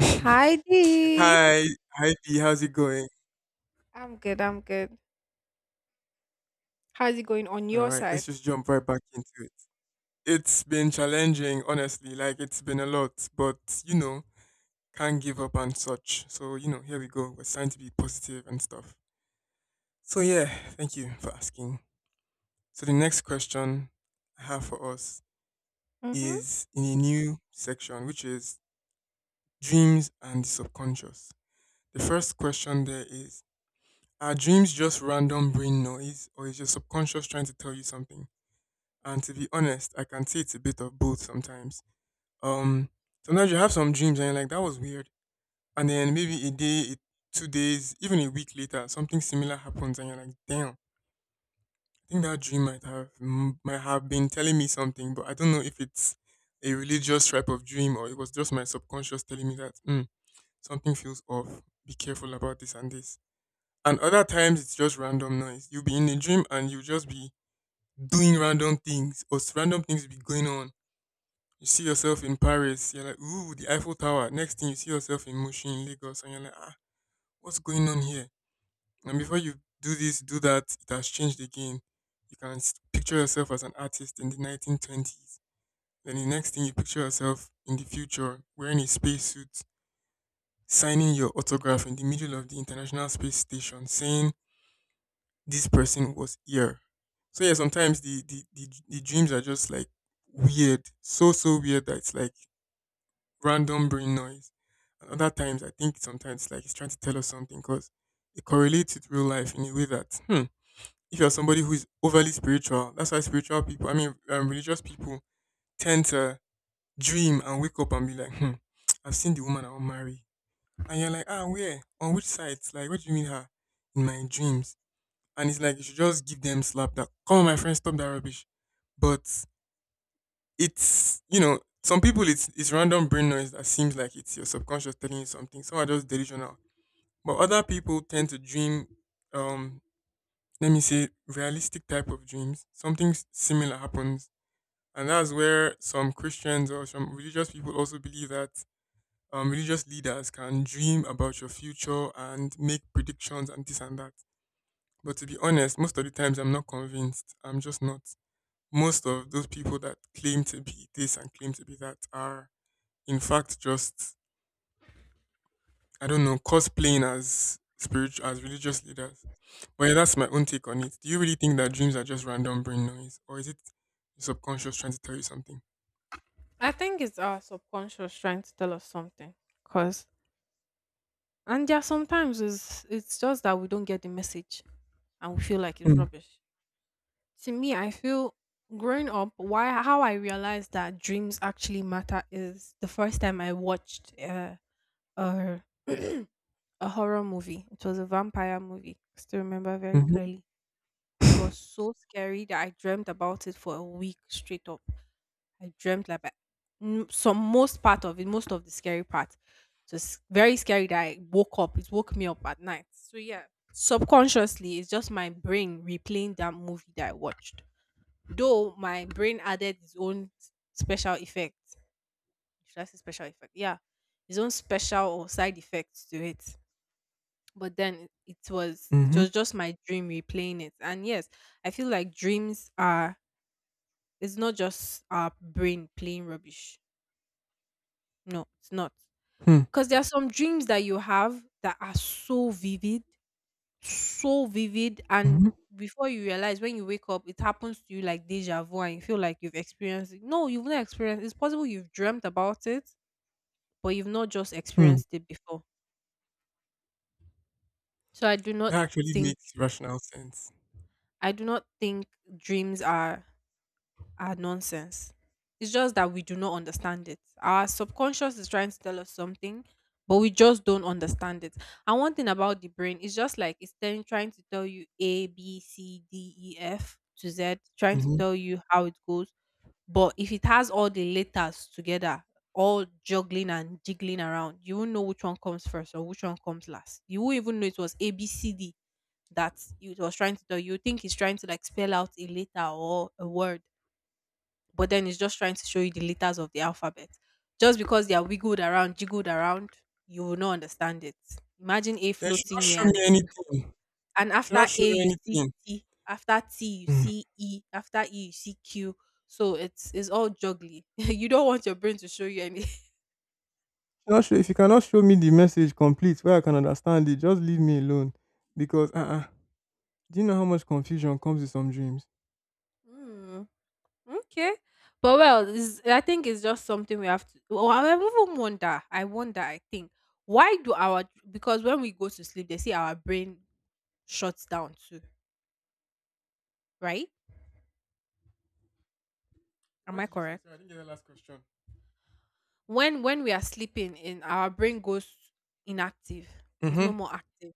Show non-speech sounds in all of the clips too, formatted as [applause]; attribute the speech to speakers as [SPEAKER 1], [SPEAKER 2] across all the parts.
[SPEAKER 1] [laughs] Hi,
[SPEAKER 2] Hi Dee.
[SPEAKER 1] hi B, how's it going?
[SPEAKER 2] I'm good. How's it going on
[SPEAKER 1] All
[SPEAKER 2] your
[SPEAKER 1] right,
[SPEAKER 2] side?
[SPEAKER 1] let's just jump right back into it. It's been challenging, honestly. Like it's been a lot, but you know, can't give up and such. So you know, here we go. We're trying to be positive and stuff. So yeah, thank you for asking. So the next question I have for us
[SPEAKER 2] Mm-hmm.
[SPEAKER 1] is in a new section, which is dreams and the subconscious. The first question there is: Are dreams just random brain noise, or is your subconscious trying to tell you something? And to be honest, I can say it's a bit of both sometimes. Um, Sometimes you have some dreams and you're like, that was weird. And then maybe a day, 2 days, even a week later, something similar happens and you're like, damn, I think that dream might have might have been telling me something, but I don't know if it's a religious type of dream or it was just my subconscious telling me that something feels off. Be careful about this and this. And other times it's just random noise. You'll be in a dream and you'll just be doing random things or random things will be going on. You see yourself in Paris, you're like, ooh, the Eiffel Tower. Next thing you see yourself in Mushin, Lagos, and you're like, ah, what's going on here? And before you do this, do that, it has changed again. You can picture yourself as an artist in the 1920s. Then the next thing you picture yourself in the future, wearing a spacesuit, signing your autograph in the middle of the International Space Station, saying this person was here. So yeah, sometimes the dreams are just like weird, so weird that it's like random brain noise. And other times, I think sometimes it's like it's trying to tell us something because it correlates with real life in a way that, hmm, if you're somebody who is overly spiritual, that's why spiritual people, I mean, religious people tend to dream and wake up and be like, hmm, I've seen the woman I will marry. And you're like, ah, where? On which side? Like, what do you mean her? In my dreams. And it's like, you should just give them slap that, come on, my friend, stop that rubbish. But it's, you know, some people it's random brain noise that seems like it's your subconscious telling you something. Some are just delusional, but other people tend to dream. Um, Let me say realistic type of dreams. Something similar happens, and that's where some Christians or some religious people also believe that religious leaders can dream about your future and make predictions and this and that. But to be honest, most of the times I'm not convinced. I'm just not. Most of those people that claim to be this and claim to be that are in fact just, I don't know, cosplaying as spiritual, as religious leaders. Well, yeah, that's my own take on it. Do you really think that dreams are just random brain noise, or is it your subconscious trying to tell you something?
[SPEAKER 2] I think it's our subconscious trying to tell us something. Cause and there are sometimes it's just that we don't get the message and we feel like it's
[SPEAKER 1] Hmm.
[SPEAKER 2] rubbish. To me, I feel growing up, why how I realized that dreams actually matter is the first time I watched a [clears throat] a horror movie. It was a vampire movie. I still remember very
[SPEAKER 1] Mhm.
[SPEAKER 2] clearly. It was
[SPEAKER 1] Mhm. [laughs]
[SPEAKER 2] so scary that I dreamt about it for a week straight up. I dreamt like some most part of it, most of the scary part. So it's very scary that I woke up. It woke me up at night. So yeah, subconsciously, it's just my brain replaying that movie that I watched. Though my brain added its own special effect. Should I say special effect? Yeah, its own special or side effects to it. But then it was just my dream replaying it. And yes, I feel like dreams are it's not just our brain playing rubbish. No, it's not.
[SPEAKER 1] Hmm.
[SPEAKER 2] Because there are some dreams that you have that are so vivid, so vivid. And
[SPEAKER 1] Mhm.
[SPEAKER 2] before you realize, when you wake up, it happens to you like deja vu and you feel like you've experienced it. No, you've not experienced it's possible you've dreamt about it, but you've not just
[SPEAKER 1] Hmm.
[SPEAKER 2] experienced it before. So
[SPEAKER 1] That actually
[SPEAKER 2] think,
[SPEAKER 1] makes rational sense.
[SPEAKER 2] I do not think dreams are nonsense. It's just that we do not understand it. Our subconscious is trying to tell us something, but we just don't understand it. And one thing about the brain is just like it's telling, trying to tell you A, B, C, D, E, F to Z, trying to
[SPEAKER 1] Mhm.
[SPEAKER 2] tell you how it goes. But if it has all the letters together, all juggling and jiggling around, you won't know which one comes first or which one comes last. You won't even know it was A, B, C, D that it was trying to tell you. You think it's trying to like spell out a letter or a word, but then it's just trying to show you the letters of the alphabet. Just because they are wiggled around, jiggled around, you will not understand it. Imagine A
[SPEAKER 1] Then should not
[SPEAKER 2] floating
[SPEAKER 1] show
[SPEAKER 2] here,
[SPEAKER 1] me
[SPEAKER 2] and
[SPEAKER 1] anything. You should
[SPEAKER 2] after
[SPEAKER 1] not show
[SPEAKER 2] A
[SPEAKER 1] me
[SPEAKER 2] you see
[SPEAKER 1] anything.
[SPEAKER 2] T, after T you
[SPEAKER 1] Mm.
[SPEAKER 2] see E, after E you see Q. So it's all juggly. [laughs] You don't want your brain to show you any.
[SPEAKER 1] Not sure if you cannot show me the message complete where I can understand it, just leave me alone. Because do you know how much confusion comes with some dreams?
[SPEAKER 2] Mm, okay. But well, it's, I think it's just something we have to. Well, I even wonder. I wonder. I think why do our because when we go to sleep, they say our brain shuts down too, right? Am
[SPEAKER 1] What
[SPEAKER 2] I
[SPEAKER 1] did you say?
[SPEAKER 2] correct?
[SPEAKER 1] Sorry, I didn't get the last question.
[SPEAKER 2] When we are sleeping, in our brain goes inactive. It's no
[SPEAKER 1] Mm-hmm.
[SPEAKER 2] more active.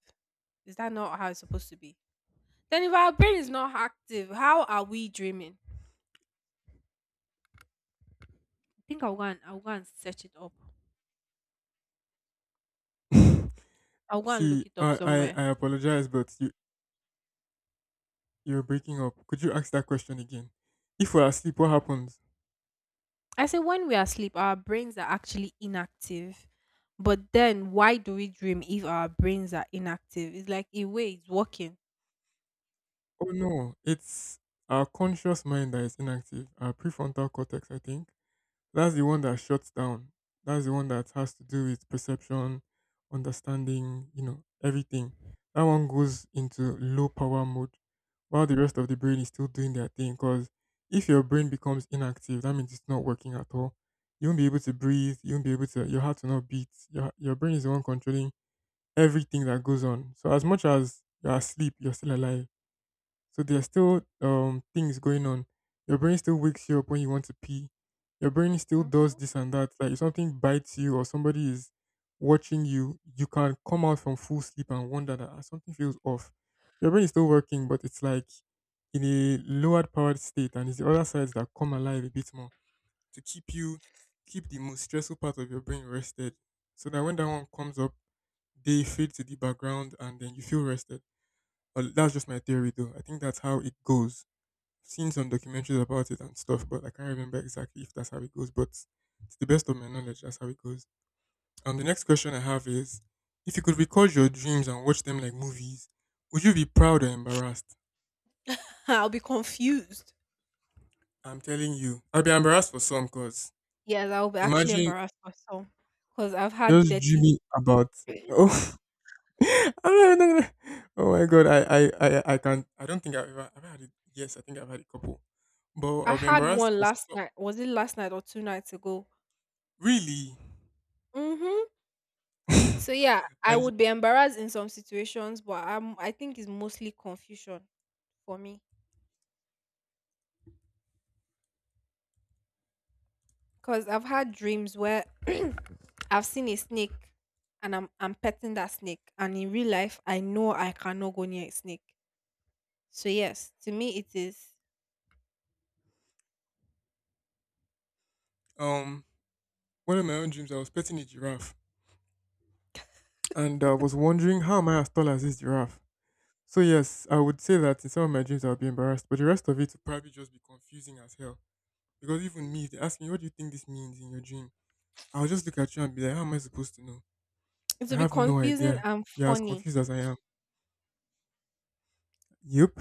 [SPEAKER 2] Is that not how it's supposed to be? Then if our brain is not active, how are we dreaming? I think I'll go and search it up.
[SPEAKER 1] [laughs]
[SPEAKER 2] I'll go and
[SPEAKER 1] See,
[SPEAKER 2] look it up
[SPEAKER 1] I,
[SPEAKER 2] somewhere.
[SPEAKER 1] I, I apologize, but you're breaking up. Could you ask that question again? If we're asleep, what happens?
[SPEAKER 2] I say when we are asleep, our brains are actually inactive. But then why do we dream if our brains are inactive? It's like a way it's working.
[SPEAKER 1] Oh no, it's our conscious mind that is inactive, our prefrontal cortex, I think. That's the one that shuts down. That's the one that has to do with perception, understanding, you know, everything. That one goes into low power mode while the rest of the brain is still doing their thing. Because if your brain becomes inactive, that means it's not working at all. You won't be able to breathe. You won't be able to, your heart will not beat. Your brain is the one controlling everything that goes on. So as much as you're asleep, you're still alive, so there are still things going on. Your brain still wakes you up when you want to pee. Your brain still does
[SPEAKER 2] Mhm.
[SPEAKER 1] this and that. Like if something bites you or somebody is watching you, you can come out from full sleep and wonder that, "Ah, something feels off." Your brain is still working, but it's like in a lowered powered state, and it's the other sides that come alive a bit more to keep you keep the most stressful part of your brain rested, so that when that one comes up, they fade to the background, and then you feel rested. But that's just my theory, though. I think that's how it goes, seen some documentaries about it and stuff, but I can't remember exactly if that's how it goes. But to the best of my knowledge, that's how it goes. And the next question I have is, if you could record your dreams and watch them like movies, would you be proud or embarrassed?
[SPEAKER 2] [laughs] I'll be confused.
[SPEAKER 1] I'm telling you, I'll be embarrassed for some because
[SPEAKER 2] Yes, I'll be actually
[SPEAKER 1] imagine
[SPEAKER 2] embarrassed for some because I've had
[SPEAKER 1] just
[SPEAKER 2] dirty.
[SPEAKER 1] dreaming about.
[SPEAKER 2] [clears throat]
[SPEAKER 1] Oh, [laughs] I'm not even gonna- oh my god, I can't. I don't think I've ever, I've had it. Yes, I think I've had a couple, but
[SPEAKER 2] I
[SPEAKER 1] I'll be
[SPEAKER 2] had
[SPEAKER 1] embarrassed
[SPEAKER 2] one
[SPEAKER 1] for
[SPEAKER 2] last
[SPEAKER 1] so,
[SPEAKER 2] night. Was it last night or two nights ago?
[SPEAKER 1] really.
[SPEAKER 2] Mm-hmm.
[SPEAKER 1] [laughs] and
[SPEAKER 2] So yeah, I would be embarrassed in some situations, but I think it's mostly confusion for me. Cause I've had dreams where [clears throat] I've seen a snake and I'm petting that snake. And in real life I know I cannot go near a snake. So yes, to me it is
[SPEAKER 1] um, one of my own dreams, I was petting a giraffe and I was wondering how am I as tall as this giraffe? So yes, I would say that in some of my dreams I'll be embarrassed, but the rest of it will probably just be confusing as hell. Because even me, if they ask me what do you think this means in your dream, I'll just look at you and be like, how am I supposed to know?
[SPEAKER 2] it
[SPEAKER 1] I
[SPEAKER 2] will be
[SPEAKER 1] have no
[SPEAKER 2] confusing
[SPEAKER 1] idea.
[SPEAKER 2] and
[SPEAKER 1] You're as
[SPEAKER 2] funny.
[SPEAKER 1] confused as I am. Yep.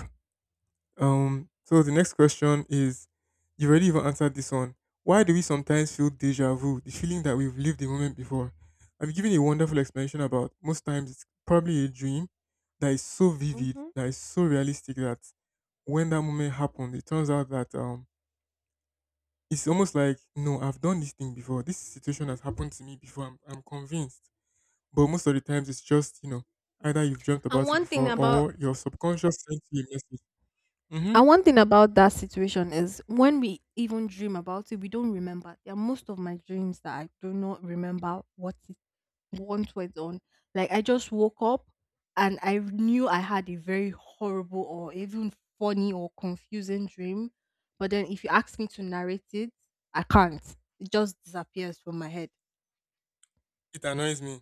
[SPEAKER 1] So the next question is, you already even answered this one. Why do we sometimes feel deja vu, the feeling that we've lived the moment before? I've given a wonderful explanation about most times it's probably a dream that is so vivid,
[SPEAKER 2] Hmm.
[SPEAKER 1] that is so realistic that when that moment happened, it turns out that it's almost like no, I've done this thing before. This situation has happened to me before. I'm convinced. But most of the times it's just, you know, either you've dreamt
[SPEAKER 2] And
[SPEAKER 1] about it
[SPEAKER 2] one thing
[SPEAKER 1] before
[SPEAKER 2] about
[SPEAKER 1] or your subconscious sent you a message. Mhm.
[SPEAKER 2] and one thing about that situation is when we even dream about it, we don't remember. There are most of my dreams that I do not remember what it once we're done. Like I just woke up and I knew I had a very horrible or even funny or confusing dream. But then if you ask me to narrate it, I can't. It just disappears from my head.
[SPEAKER 1] It annoys me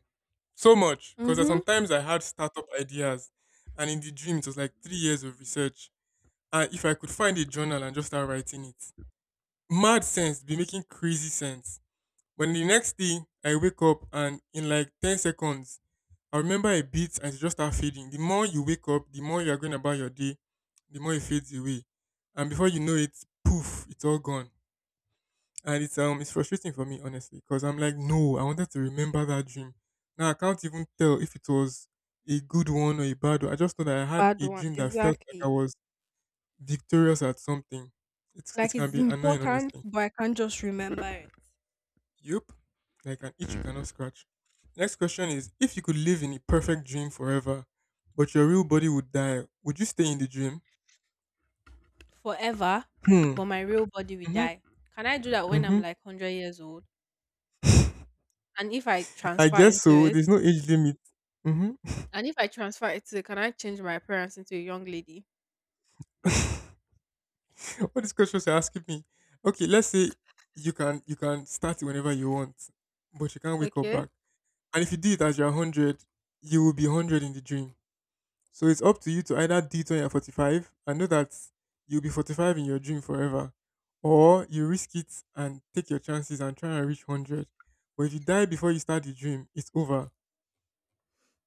[SPEAKER 1] so much because
[SPEAKER 2] Mm-hmm.
[SPEAKER 1] sometimes I had startup ideas, and in the dream, it was like 3 years of research. And if I could find a journal and just start writing it, mad sense be making crazy sense. But the next day I wake up and in like 10 seconds, I remember a bit and it just start fading. The more you wake up, the more you are going about your day, the more it fades away. And before you know it, poof, it's all gone, and it's frustrating for me, honestly, because I'm like, no, I wanted to remember that dream. Now I can't even tell if it was a good one or a bad one. I just know that I had
[SPEAKER 2] Bad
[SPEAKER 1] a
[SPEAKER 2] one,
[SPEAKER 1] dream that felt like I
[SPEAKER 2] exactly.
[SPEAKER 1] was victorious at something. It's,
[SPEAKER 2] Like
[SPEAKER 1] it can
[SPEAKER 2] it's
[SPEAKER 1] be annoying,
[SPEAKER 2] important,
[SPEAKER 1] honestly.
[SPEAKER 2] but I can't just remember it.
[SPEAKER 1] Yup. Like an itch you cannot scratch. Next question is, if you could live in a perfect dream forever but your real body would die, would you stay in the dream?
[SPEAKER 2] Forever,
[SPEAKER 1] Hmm.
[SPEAKER 2] but my real body will
[SPEAKER 1] Mm-hmm.
[SPEAKER 2] die. Can I do that when I'm
[SPEAKER 1] Mm-hmm.
[SPEAKER 2] like 100 years old? And if I
[SPEAKER 1] [laughs] I
[SPEAKER 2] transfer
[SPEAKER 1] guess
[SPEAKER 2] into
[SPEAKER 1] so,
[SPEAKER 2] it,
[SPEAKER 1] there's no age limit. Mm-hmm.
[SPEAKER 2] and if I transfer it to, can I change my appearance into a young lady?
[SPEAKER 1] [laughs] [laughs] All these questions you're asking me. Okay, let's say you can start it whenever you want, but you can't wake up
[SPEAKER 2] Okay.
[SPEAKER 1] back. And if you do it as you're 100, you will be 100 in the dream. So it's up to you to either do it when you're 45 and know that you'll be 45 in your dream forever. Or you risk it and take your chances and try and reach 100. But if you die before you start the dream, it's over.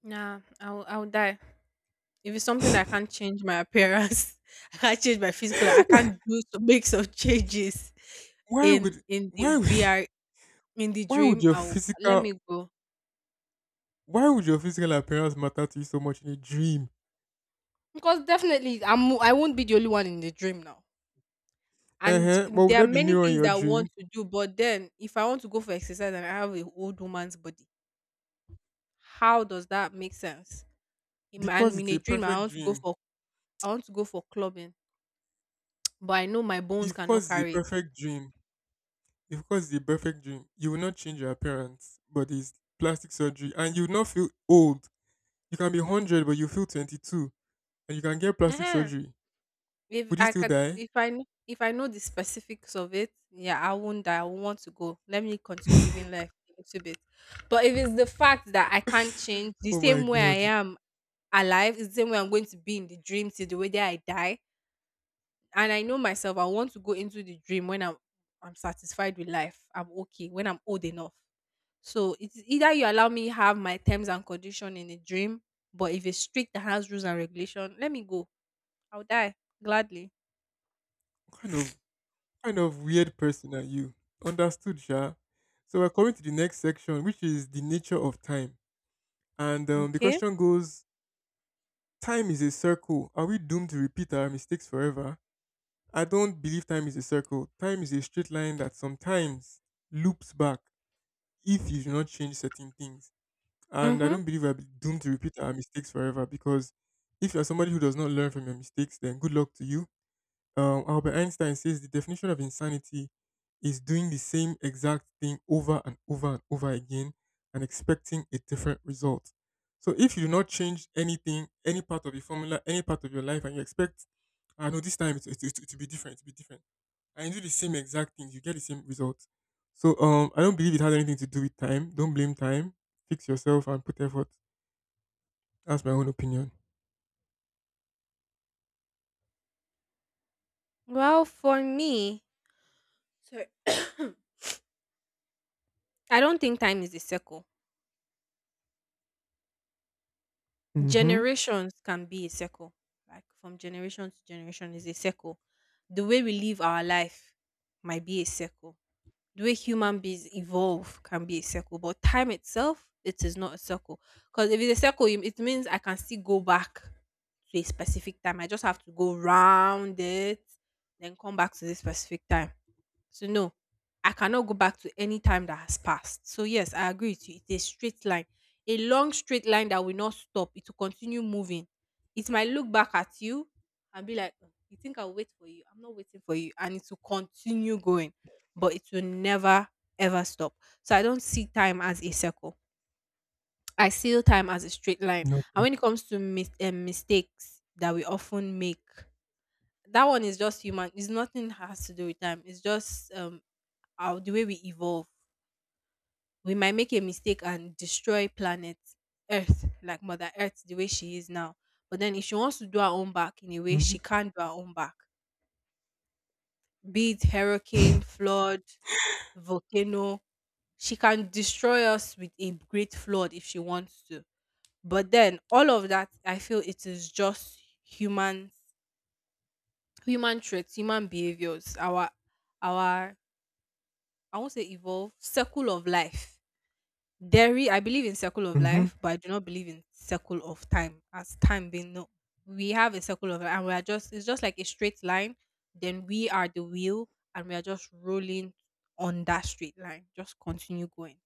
[SPEAKER 2] Nah, I will die. If it's something that I can't change my appearance, [laughs] I can't change my physical, I
[SPEAKER 1] [laughs]
[SPEAKER 2] can't do to make some changes
[SPEAKER 1] why
[SPEAKER 2] in
[SPEAKER 1] would
[SPEAKER 2] in
[SPEAKER 1] why
[SPEAKER 2] the
[SPEAKER 1] would
[SPEAKER 2] VR
[SPEAKER 1] [laughs]
[SPEAKER 2] in the
[SPEAKER 1] why would
[SPEAKER 2] dream.
[SPEAKER 1] your
[SPEAKER 2] I'll let
[SPEAKER 1] physical
[SPEAKER 2] me go.
[SPEAKER 1] why would your physical appearance matter to you so much in a dream?
[SPEAKER 2] Because definitely, I won't be the only one in the dream now. And
[SPEAKER 1] Uh-huh.
[SPEAKER 2] mm,
[SPEAKER 1] But would
[SPEAKER 2] there are
[SPEAKER 1] that be
[SPEAKER 2] many
[SPEAKER 1] mirror in
[SPEAKER 2] things
[SPEAKER 1] your
[SPEAKER 2] that I want
[SPEAKER 1] dream?
[SPEAKER 2] to do, but then if I want to go for exercise and I have an old woman's body, how does that make sense? In my, and
[SPEAKER 1] Because
[SPEAKER 2] in
[SPEAKER 1] it's
[SPEAKER 2] a
[SPEAKER 1] a
[SPEAKER 2] dream,
[SPEAKER 1] perfect dream.
[SPEAKER 2] I want to go for clubbing, but I know my bones cannot
[SPEAKER 1] Because it's a
[SPEAKER 2] carry
[SPEAKER 1] perfect dream. Because it's a perfect dream. You will not change your appearance, but it's plastic surgery. And you will not feel old. You can be 100, but you feel 22. And you can get plastic
[SPEAKER 2] it.
[SPEAKER 1] surgery.
[SPEAKER 2] If
[SPEAKER 1] Would you
[SPEAKER 2] I
[SPEAKER 1] still
[SPEAKER 2] can,
[SPEAKER 1] die?
[SPEAKER 2] if I know the specifics of it, yeah, I won't die. I will not want to go. Let me continue
[SPEAKER 1] [laughs]
[SPEAKER 2] living life a little bit. But if it's the fact that I can't change the
[SPEAKER 1] Oh my
[SPEAKER 2] same way
[SPEAKER 1] God.
[SPEAKER 2] I am alive, it's the same way I'm going to be in the dream till the way that I die, and I know myself, I want to go into the dream when I'm satisfied with life. I'm okay when I'm old enough. So it's either you allow me have my terms and condition in the dream, but if it's strict that has rules and regulation, let me go. I'll die gladly.
[SPEAKER 1] What kind of weird person are you? Understood, Sha. So we're coming to the next section, which is the nature of time. And the
[SPEAKER 2] Okay.
[SPEAKER 1] question goes, time is a circle. Are we doomed to repeat our mistakes forever? I don't believe time is a circle. Time is a straight line that sometimes loops back if you do not change certain things. And I
[SPEAKER 2] Mm-hmm.
[SPEAKER 1] don't believe we're doomed to repeat our mistakes forever because if you're somebody who does not learn from your mistakes, then good luck to you. Albert Einstein says the definition of insanity is doing the same exact thing over and over and over again and expecting a different result. So if you do not change anything, any part of your formula, any part of your life, and you expect, I know this time to be different, and you do the same exact thing, you get the same result. So I don't believe it has anything to do with time. Don't blame time. Fix yourself and put effort. That's my own opinion.
[SPEAKER 2] Well, for me, sorry. [coughs] I don't think time is a circle.
[SPEAKER 1] Mm-hmm.
[SPEAKER 2] Generations can be a circle. Like from generation to generation is a circle. The way we live our life might be a circle. The way human beings evolve can be a circle. But time itself, it is not a circle. Because if it's a circle, it means I can still go back to a specific time. I just have to go round it, then come back to this specific time. So no, I cannot go back to any time that has passed. So yes, I agree with you. It's a straight line, a long straight line that will not stop. It will continue moving. It might look back at you and be like, "Oh, you think I'll wait for you? I'm not waiting for you," and it will continue going, but it will never ever stop. So I don't see time as a circle. I see time as a straight line. And
[SPEAKER 1] Nothing.
[SPEAKER 2] when it comes to mistakes that we often make, that one is just human. It's nothing has to do with time. It's just our the way we evolve, we might make a mistake and destroy planet earth, like mother earth the way she is now. But then if she wants to do her own back, in a way
[SPEAKER 1] Mm-hmm.
[SPEAKER 2] she can do her own back, be it hurricane, flood, volcano, she can destroy us with a great flood if she wants to. But then all of that I feel it is just human, human traits, human behaviors, our I won't say evolve circle of life. There is, I believe in circle of
[SPEAKER 1] Mm-hmm.
[SPEAKER 2] life, but I do not believe in circle of time as time being no. We have a circle of life, and we are just it's just like a straight line. Then we are the wheel and we are just rolling on that straight line. Just continue going.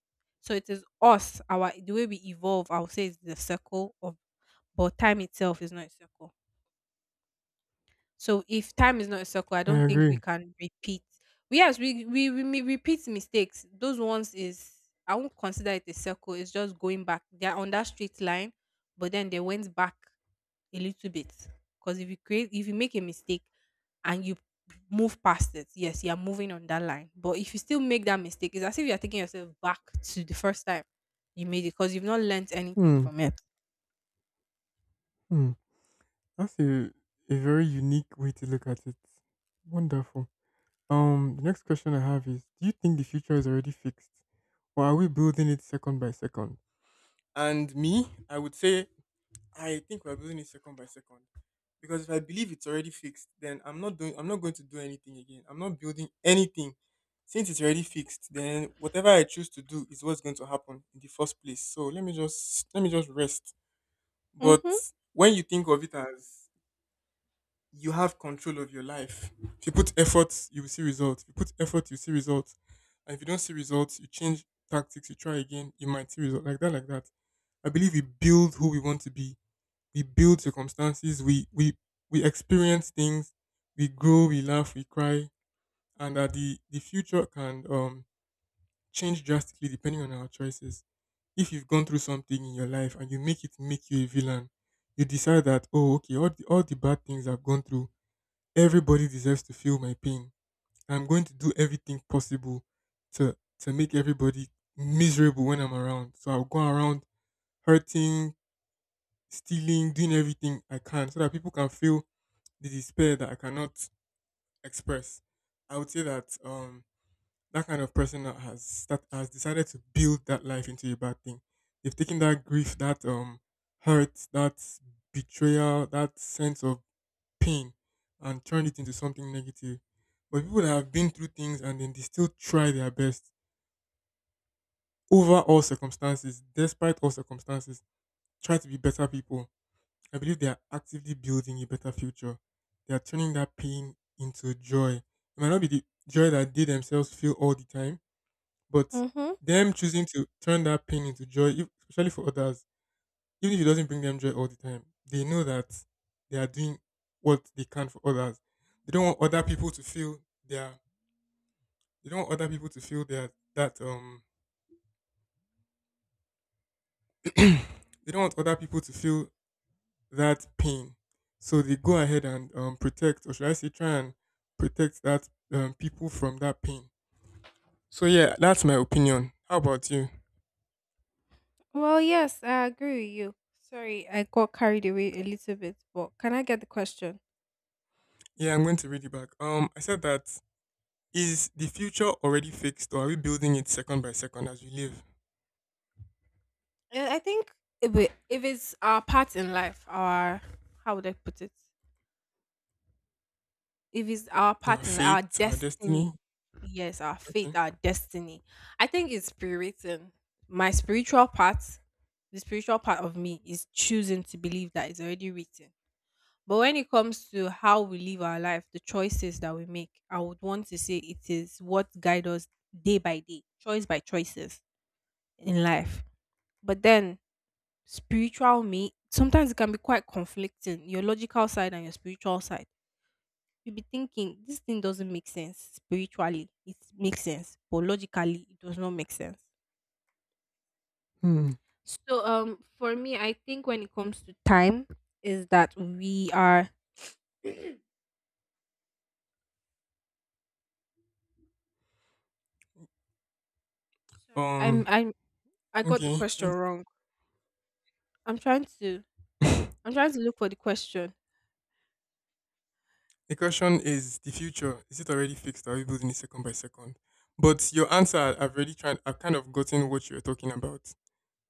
[SPEAKER 2] So it is us, our the way we evolve, I would say is the circle of but time itself is not a circle. So if time is not a circle, I
[SPEAKER 1] I
[SPEAKER 2] don't think we
[SPEAKER 1] agree.
[SPEAKER 2] can repeat. We, we may repeat mistakes. Those ones is I won't consider it a circle. It's just going back. They're on that straight line, but then they went back a little bit. Because if you create, if you make a mistake and you move past it, yes, you are moving on that line. But if you still make that mistake, it's as if you are taking yourself back to the first time you made it because you've not learnt anything
[SPEAKER 1] Hmm.
[SPEAKER 2] from it.
[SPEAKER 1] Hmm. That's a very unique way to look at it. Wonderful. The next question I have is, do you think the future is already fixed? Or are we building it second by second? And me, I would say I think we're building it second by second. Because if I believe it's already fixed, then I'm not going to do anything again. I'm not building anything. Since it's already fixed, then whatever I choose to do is what's going to happen in the first place. So let me just rest. But
[SPEAKER 2] Mm-hmm.
[SPEAKER 1] when you think of it as, you have control of your life. If you put effort, you will see results. If you put effort, you see results. And if you don't see results, you change tactics, you try again, you might see results. Like that, like that. I believe we build who we want to be. We build circumstances, we experience things, we grow, we laugh, we cry, and that the future can change drastically depending on our choices. If you've gone through something in your life and you make it make you a villain, you decide that, oh, okay, all the bad things I've gone through, everybody deserves to feel my pain. I'm going to do everything possible to make everybody miserable when I'm around. So I'll go around hurting, stealing, doing everything I can so that people can feel the despair that I cannot express. I would say that that kind of person that has decided to build that life into a bad thing. They've taken that grief, that hurt, that betrayal, that sense of pain, and turn it into something negative. But people that have been through things and then they still try their best over all circumstances, despite all circumstances, try to be better people. I believe they are actively building a better future. They are turning that pain into joy. It might not be the joy that they themselves feel all the time, but
[SPEAKER 2] Mm-hmm.
[SPEAKER 1] them choosing to turn that pain into joy, if- especially for others, even if it doesn't bring them joy all the time, they know that they are doing what they can for others. They don't want other people to feel their they don't want other people to feel their that they don't want other people to feel that pain. So they go ahead and protect, or should I say try and protect that people from that pain. So yeah, that's my opinion. How about you?
[SPEAKER 2] Well, yes, I agree with you. Sorry, I got carried away a little bit, but can I get the question?
[SPEAKER 1] Yeah, I'm going to read it back. I said that, is the future already fixed, or are we building it second by second as we live?
[SPEAKER 2] I think if it's our part in life, our how would I put it? If it's our
[SPEAKER 1] Our
[SPEAKER 2] part in our
[SPEAKER 1] fate, our destiny.
[SPEAKER 2] destiny, yes, our fate,
[SPEAKER 1] Okay.
[SPEAKER 2] our destiny. I think it's pre-written. My spiritual part, the spiritual part of me, is choosing to believe that it's already written. But when it comes to how we live our life, the choices that we make, I would want to say it is what guide us day by day, choice by choices in life. But then spiritual me, sometimes it can be quite conflicting, your logical side and your spiritual side. You'll be thinking this thing doesn't make sense spiritually. It makes sense, but logically it does not make sense.
[SPEAKER 1] Hmm.
[SPEAKER 2] So for me, I think when it comes to time is that we are [clears throat] sorry, I'm
[SPEAKER 1] Um.
[SPEAKER 2] I'm I got the
[SPEAKER 1] Okay.
[SPEAKER 2] question
[SPEAKER 1] Thank
[SPEAKER 2] wrong. I'm trying to
[SPEAKER 1] you.
[SPEAKER 2] I'm trying to look for the question.
[SPEAKER 1] [laughs] The question is: the future, is it already fixed? Are we building it second by second? But your answer, I've already tried. I've kind of gotten what you're talking about.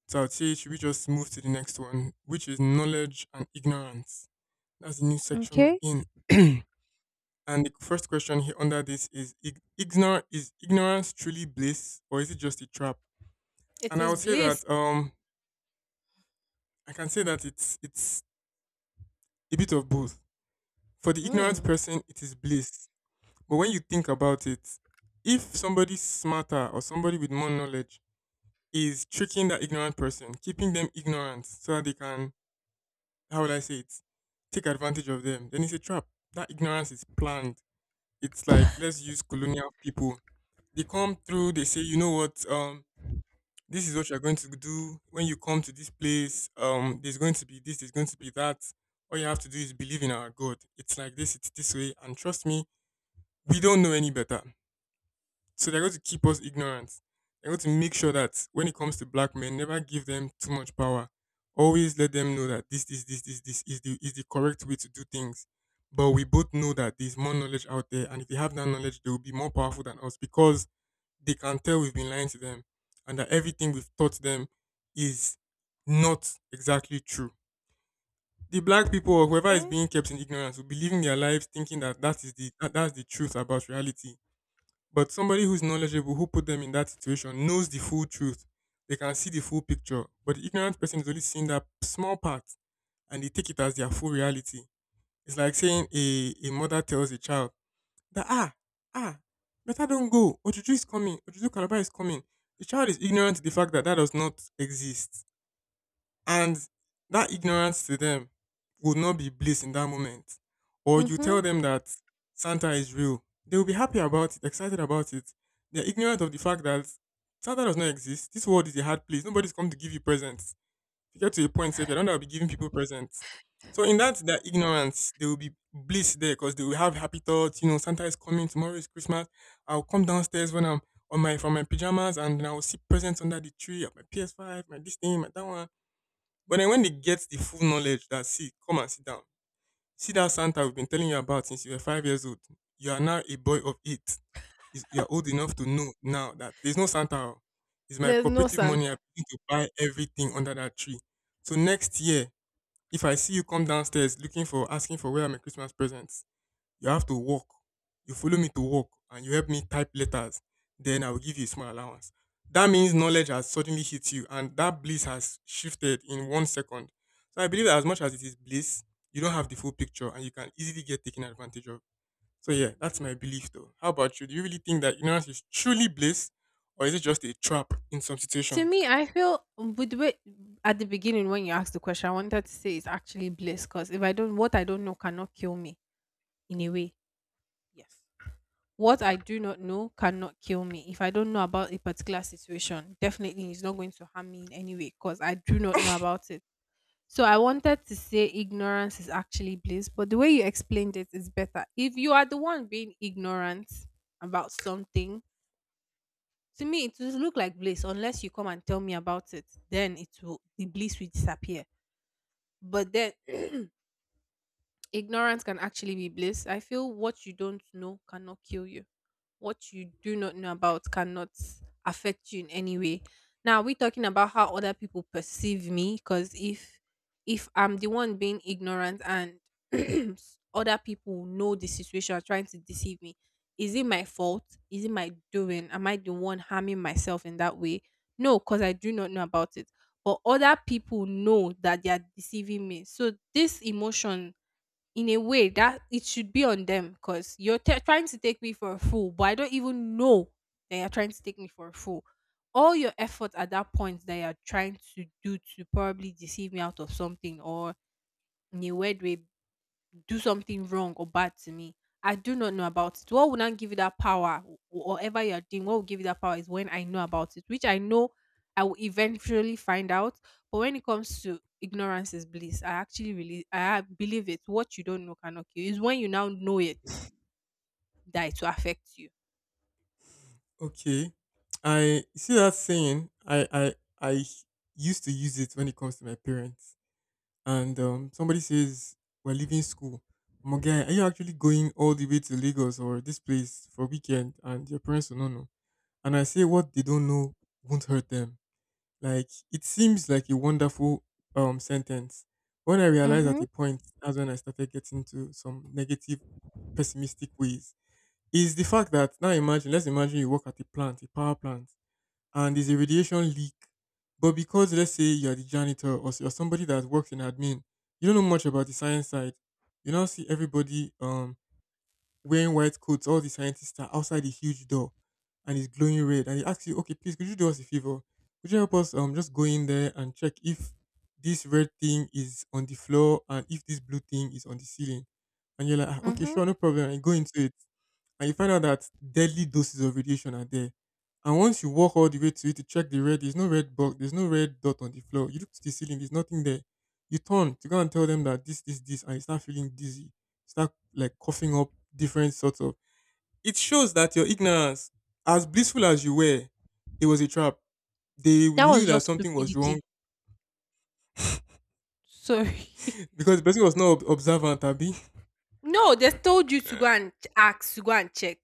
[SPEAKER 1] So I'd say, should we just move to the next one, which is knowledge and ignorance? That's the new section we're
[SPEAKER 2] Okay.
[SPEAKER 1] in. [clears throat] And the first question here under this is: is ignorance truly bliss, or is it just a trap?
[SPEAKER 2] It
[SPEAKER 1] And I
[SPEAKER 2] is
[SPEAKER 1] would say
[SPEAKER 2] bliss.
[SPEAKER 1] that I can say that it's a bit of both. For the ignorant
[SPEAKER 2] Mm.
[SPEAKER 1] person, it is bliss. But when you think about it, if somebody smarter or somebody with more knowledge is tricking that ignorant person, keeping them ignorant so that they can, how would I say it, take advantage of them, then it's a trap. That ignorance is planned. It's like, let's use colonial people. They come through, they say, you know what, this is what you're going to do when you come to this place. There's going to be this, there's going to be that. All you have to do is believe in our God. It's like this, it's this way. And trust me, we don't know any better. So they're going to keep us ignorant. They're going to make sure that when it comes to black men, never give them too much power. Always let them know that this is the correct way to do things. But we both know that there's more knowledge out there, and if they have that knowledge, they will be more powerful than us because they can tell we've been lying to them, and that everything we've taught them is not exactly true. The black people or whoever is
[SPEAKER 2] Okay.
[SPEAKER 1] being kept in ignorance will be living their lives thinking that that is the that, that's the truth about reality, but somebody who's knowledgeable, who put them in that situation, knows the full truth. They can see the full picture. But the ignorant person is only seeing that small part, and they take it as their full reality. It's like saying a mother tells a child that, ah, ah, better don't go. Ojuju is coming. Ojuju Calabar is coming. The child is ignorant to the fact that that does not exist, and that ignorance to them would not be bliss in that moment. Or you tell
[SPEAKER 2] Mm-hmm.
[SPEAKER 1] them that Santa is real, they will be happy about it, excited about it. They're ignorant of the fact that Santa does not exist. This world is a hard place. Nobody's come to give you presents. If you get to a point, say, if you don't, I'll be giving people presents. So in that, their ignorance, they will be bliss there because they will have happy thoughts. You know, Santa is coming. Tomorrow is Christmas. I'll come downstairs when I'm on my from my pajamas and I will see presents under the tree, of my PS5, my this thing, my that one, but then when they get the full knowledge that, see, come and sit down. See that Santa we've been telling you about since you were 5 years old. You are now a boy of 8. Is- You are old enough to know now that there's no Santa. Oh. It's my
[SPEAKER 2] There's no
[SPEAKER 1] cooperative money. I
[SPEAKER 2] Santa.
[SPEAKER 1] begin to buy everything under that tree. So next year, if I see you come downstairs looking for asking for, where are my Christmas presents, you have to walk. You follow me to work and you help me type letters. Then I will give you a small allowance. That means knowledge has suddenly hit you, and that bliss has shifted in 1 second. So I believe that as much as it is bliss, you don't have the full picture and you can easily get taken advantage of. So yeah, that's my belief though. How about you? Do you really think that ignorance is truly bliss, or is it just a trap in some
[SPEAKER 2] To
[SPEAKER 1] situations?
[SPEAKER 2] me, I feel with the way at the beginning when you asked the question, I wanted to say it's actually bliss because if I don't, what I don't know cannot kill me in a way. Yes. What I do not know cannot kill me. If I don't know about a particular situation, definitely it's not going to harm me in any way because I do not know about it. So I wanted to say ignorance is actually bliss, but the way you explained it is better. If you are the one being ignorant about something, to me it will look like bliss unless you come and tell me about it. Then it will the bliss will disappear. But then [clears throat] ignorance can actually be bliss. I feel what you don't know cannot kill you. What you do not know about cannot affect you in any way. Now, are we talking about how other people perceive me? Because if I'm the one being ignorant and [clears throat] other people know the situation are trying to deceive me, is it my fault? Is it my doing? Am I the one harming myself in that way? No, because I do not know about it. But other people know that they are deceiving me. So this emotion, in a way, that it should be on them because you're trying to take me for a fool, but I don't even know that you're trying to take me for a fool. All your efforts at that point that you're trying to do to probably deceive me out of something or in a weird way do something wrong or bad to me. I do not know about it. What would not give you that power, whatever you're doing, what will give you that power is when I know about it, which I know I will eventually find out. But when it comes to ignorance is bliss, I actually really I believe it. What you don't know cannot kill you. It's when you now know it that it will affect you.
[SPEAKER 1] Okay. I, you see that saying, I used to use it when it comes to my parents and somebody says we're leaving school. My guy, are you actually going all the way to Lagos or this place for weekend? And your parents will not know. And I say what they don't know won't hurt them. Like it seems like a wonderful sentence. When I realized at
[SPEAKER 2] Mm-hmm.
[SPEAKER 1] a point, that's when I started getting to some negative, pessimistic ways. Is the fact that now imagine, let's imagine you work at a plant, a power plant, and there's a radiation leak. But because let's say you're the janitor or you're somebody that works in admin, you don't know much about the science side. You now see everybody wearing white coats, all the scientists are outside the huge door and it's glowing red. And he asks you, okay, please could you do us a favor? Could you help us just go in there and check if this red thing is on the floor and if this blue thing is on the ceiling? And you're like, "Ah, okay,
[SPEAKER 2] Mm-hmm.
[SPEAKER 1] sure, no problem." And you go into it and you find out that deadly doses of radiation are there. And once you walk all the way to it to check the red, there's no red box, there's no red dot on the floor. You look to the ceiling, there's nothing there. You turn to go and tell them that, and you start feeling dizzy, start like coughing up different sorts of. It shows that your ignorance, as blissful as you were, it was a trap. They
[SPEAKER 2] That
[SPEAKER 1] knew
[SPEAKER 2] was
[SPEAKER 1] that
[SPEAKER 2] just
[SPEAKER 1] something was wrong
[SPEAKER 2] stupidity. Sorry. [laughs]
[SPEAKER 1] because the person was not observant, Abby.
[SPEAKER 2] No, they told you to go
[SPEAKER 1] [laughs]
[SPEAKER 2] and ask, to go and check.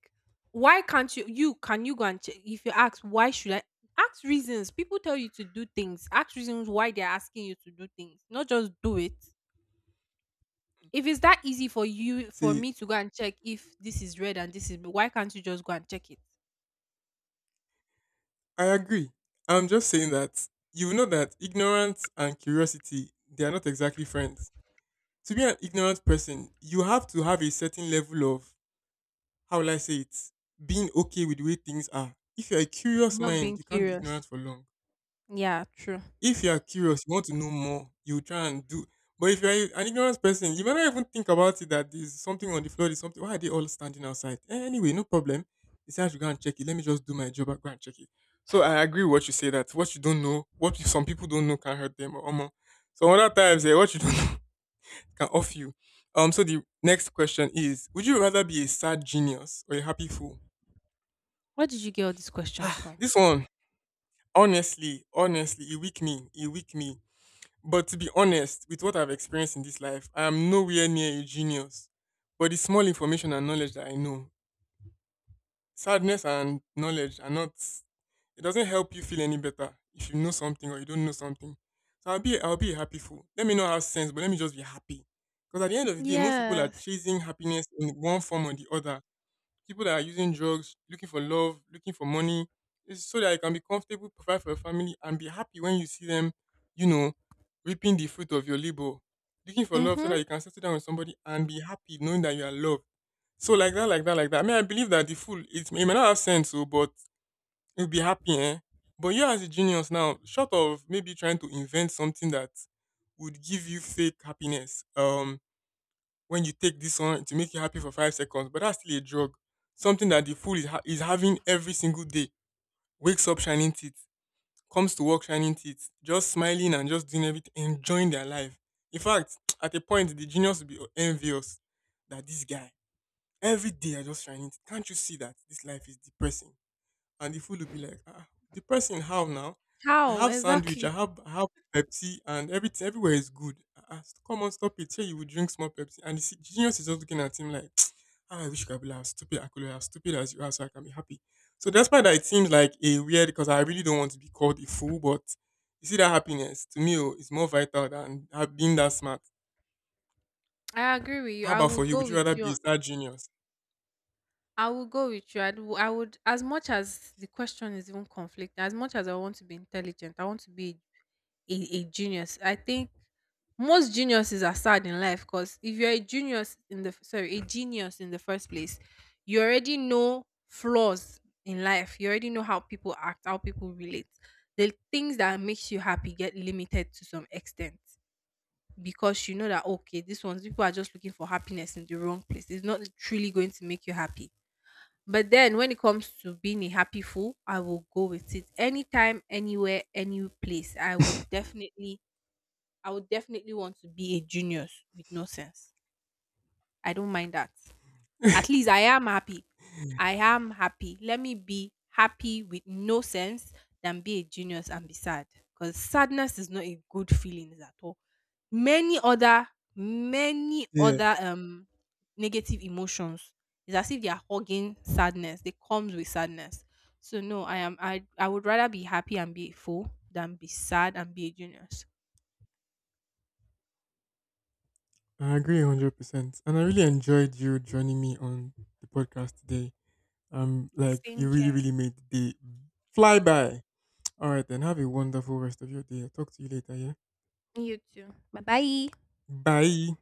[SPEAKER 2] Why can't you? Can you go and check? If you ask, why should I? Ask reasons. People tell you to do things. Ask reasons why they're asking you to do things. Not just do it. If it's that easy for you, for
[SPEAKER 1] See,
[SPEAKER 2] me to go and check if this is red and this is, blue, why can't you just go and check it?
[SPEAKER 1] I agree. I'm just saying that you know that ignorance and curiosity, they are not exactly friends. To be an ignorant person, you have to have a certain level of, how will I say it, being okay with the way things are. If you're a curious
[SPEAKER 2] Not
[SPEAKER 1] mind,
[SPEAKER 2] being
[SPEAKER 1] you can't be
[SPEAKER 2] curious.
[SPEAKER 1] ignorant for long.
[SPEAKER 2] Yeah, true.
[SPEAKER 1] If you are curious, you want to know more, you try and do. But if you're an ignorant person, you might not even think about it that there's something on the floor, there's something. Why are they all standing outside? Eh, anyway, no problem. They say I should go and check it. Let me just do my job and go and check it. So I agree with what you say that what you don't know, what you- some people don't know can hurt them. Or more. So other times, eh, what you don't [laughs] know can off you. So the next question is: would you rather be a sad genius or a happy fool?
[SPEAKER 2] Where did you get all these questions
[SPEAKER 1] [sighs]
[SPEAKER 2] from?
[SPEAKER 1] This one, honestly, it weak me. It weak me. But to be honest, with what I've experienced in this life, I am nowhere near a genius. But the small information and knowledge that I know, sadness and knowledge are not. It doesn't help you feel any better if you know something or you don't know something. So I'll be a happy fool. Let me not have sense, but let me just be happy. Because at the end of the day, most people are
[SPEAKER 2] Yes.
[SPEAKER 1] chasing happiness in one form or the other. People that are using drugs, looking for love, looking for money, is so that you can be comfortable, provide for your family, and be happy when you see them, you know, reaping the fruit of your labor. Looking for love so
[SPEAKER 2] Mm-hmm.
[SPEAKER 1] that you can settle down with somebody and be happy knowing that you are loved. So like that, like that, like that. I mean, I believe that the fool, it may not have sense, so, but you'll be happy, eh? But you as a genius now, short of maybe trying to invent something that would give you fake happiness, when you take this one to make you happy for 5 seconds, but that's still a drug. Something that the fool is, is having every single day. Wakes up shining teeth, comes to work shining teeth, just smiling and just doing everything, enjoying their life. In fact, [tsk] at a point, the genius will be envious that this guy, every day, I just shining teeth. Can't you see that this life is depressing? And the food will be like, ah, the person how now? I
[SPEAKER 2] How
[SPEAKER 1] have sandwich, I
[SPEAKER 2] exactly?
[SPEAKER 1] have I have Pepsi, and everything everywhere is good. Ah, ah, come on, stop it. Here you will drink small Pepsi, and the genius is just looking at him like, [tsk] ah, I wish I could be like as stupid. I could be as stupid as you are, so I can be happy. So that's why that it seems like a weird because I really don't want to be called a fool, but you see that happiness to me oh, is more vital than being that smart.
[SPEAKER 2] I agree with you.
[SPEAKER 1] How
[SPEAKER 2] I
[SPEAKER 1] about for
[SPEAKER 2] would
[SPEAKER 1] you? Would
[SPEAKER 2] go
[SPEAKER 1] you
[SPEAKER 2] with
[SPEAKER 1] rather be a
[SPEAKER 2] you.
[SPEAKER 1] star genius?
[SPEAKER 2] I will go with you. I'd, I would, as much as the question is even conflicting, as much as I want to be intelligent, I want to be a genius. I think most geniuses are sad in life because if you're a genius in the sorry, a genius in the first place, you already know flaws in life. You already know how people act, how people relate. The things that makes you happy get limited to some extent because you know that okay, this one's people are just looking for happiness in the wrong place. It's not truly going to make you happy. But then when it comes to being a happy fool, I will go with it. Anytime, anywhere, any place. I would definitely want to be a genius with no sense. I don't mind that. At least I am happy. I am happy. Let me be happy with no sense than be a genius and be sad. Because sadness is not a good feeling at all. Many other, many
[SPEAKER 1] Yeah,
[SPEAKER 2] other negative emotions. It's as if they are hugging sadness. They comes with sadness. So no, I am I would rather be happy and be a fool than be sad and be a genius.
[SPEAKER 1] I agree 100%. And I really enjoyed you joining me on the podcast today. Like
[SPEAKER 2] Same
[SPEAKER 1] you really,
[SPEAKER 2] here.
[SPEAKER 1] really made the day fly by. [tsk] All right, then have a wonderful rest of your day. I'll talk to you later. Yeah.
[SPEAKER 2] You too. Bye bye.
[SPEAKER 1] Bye.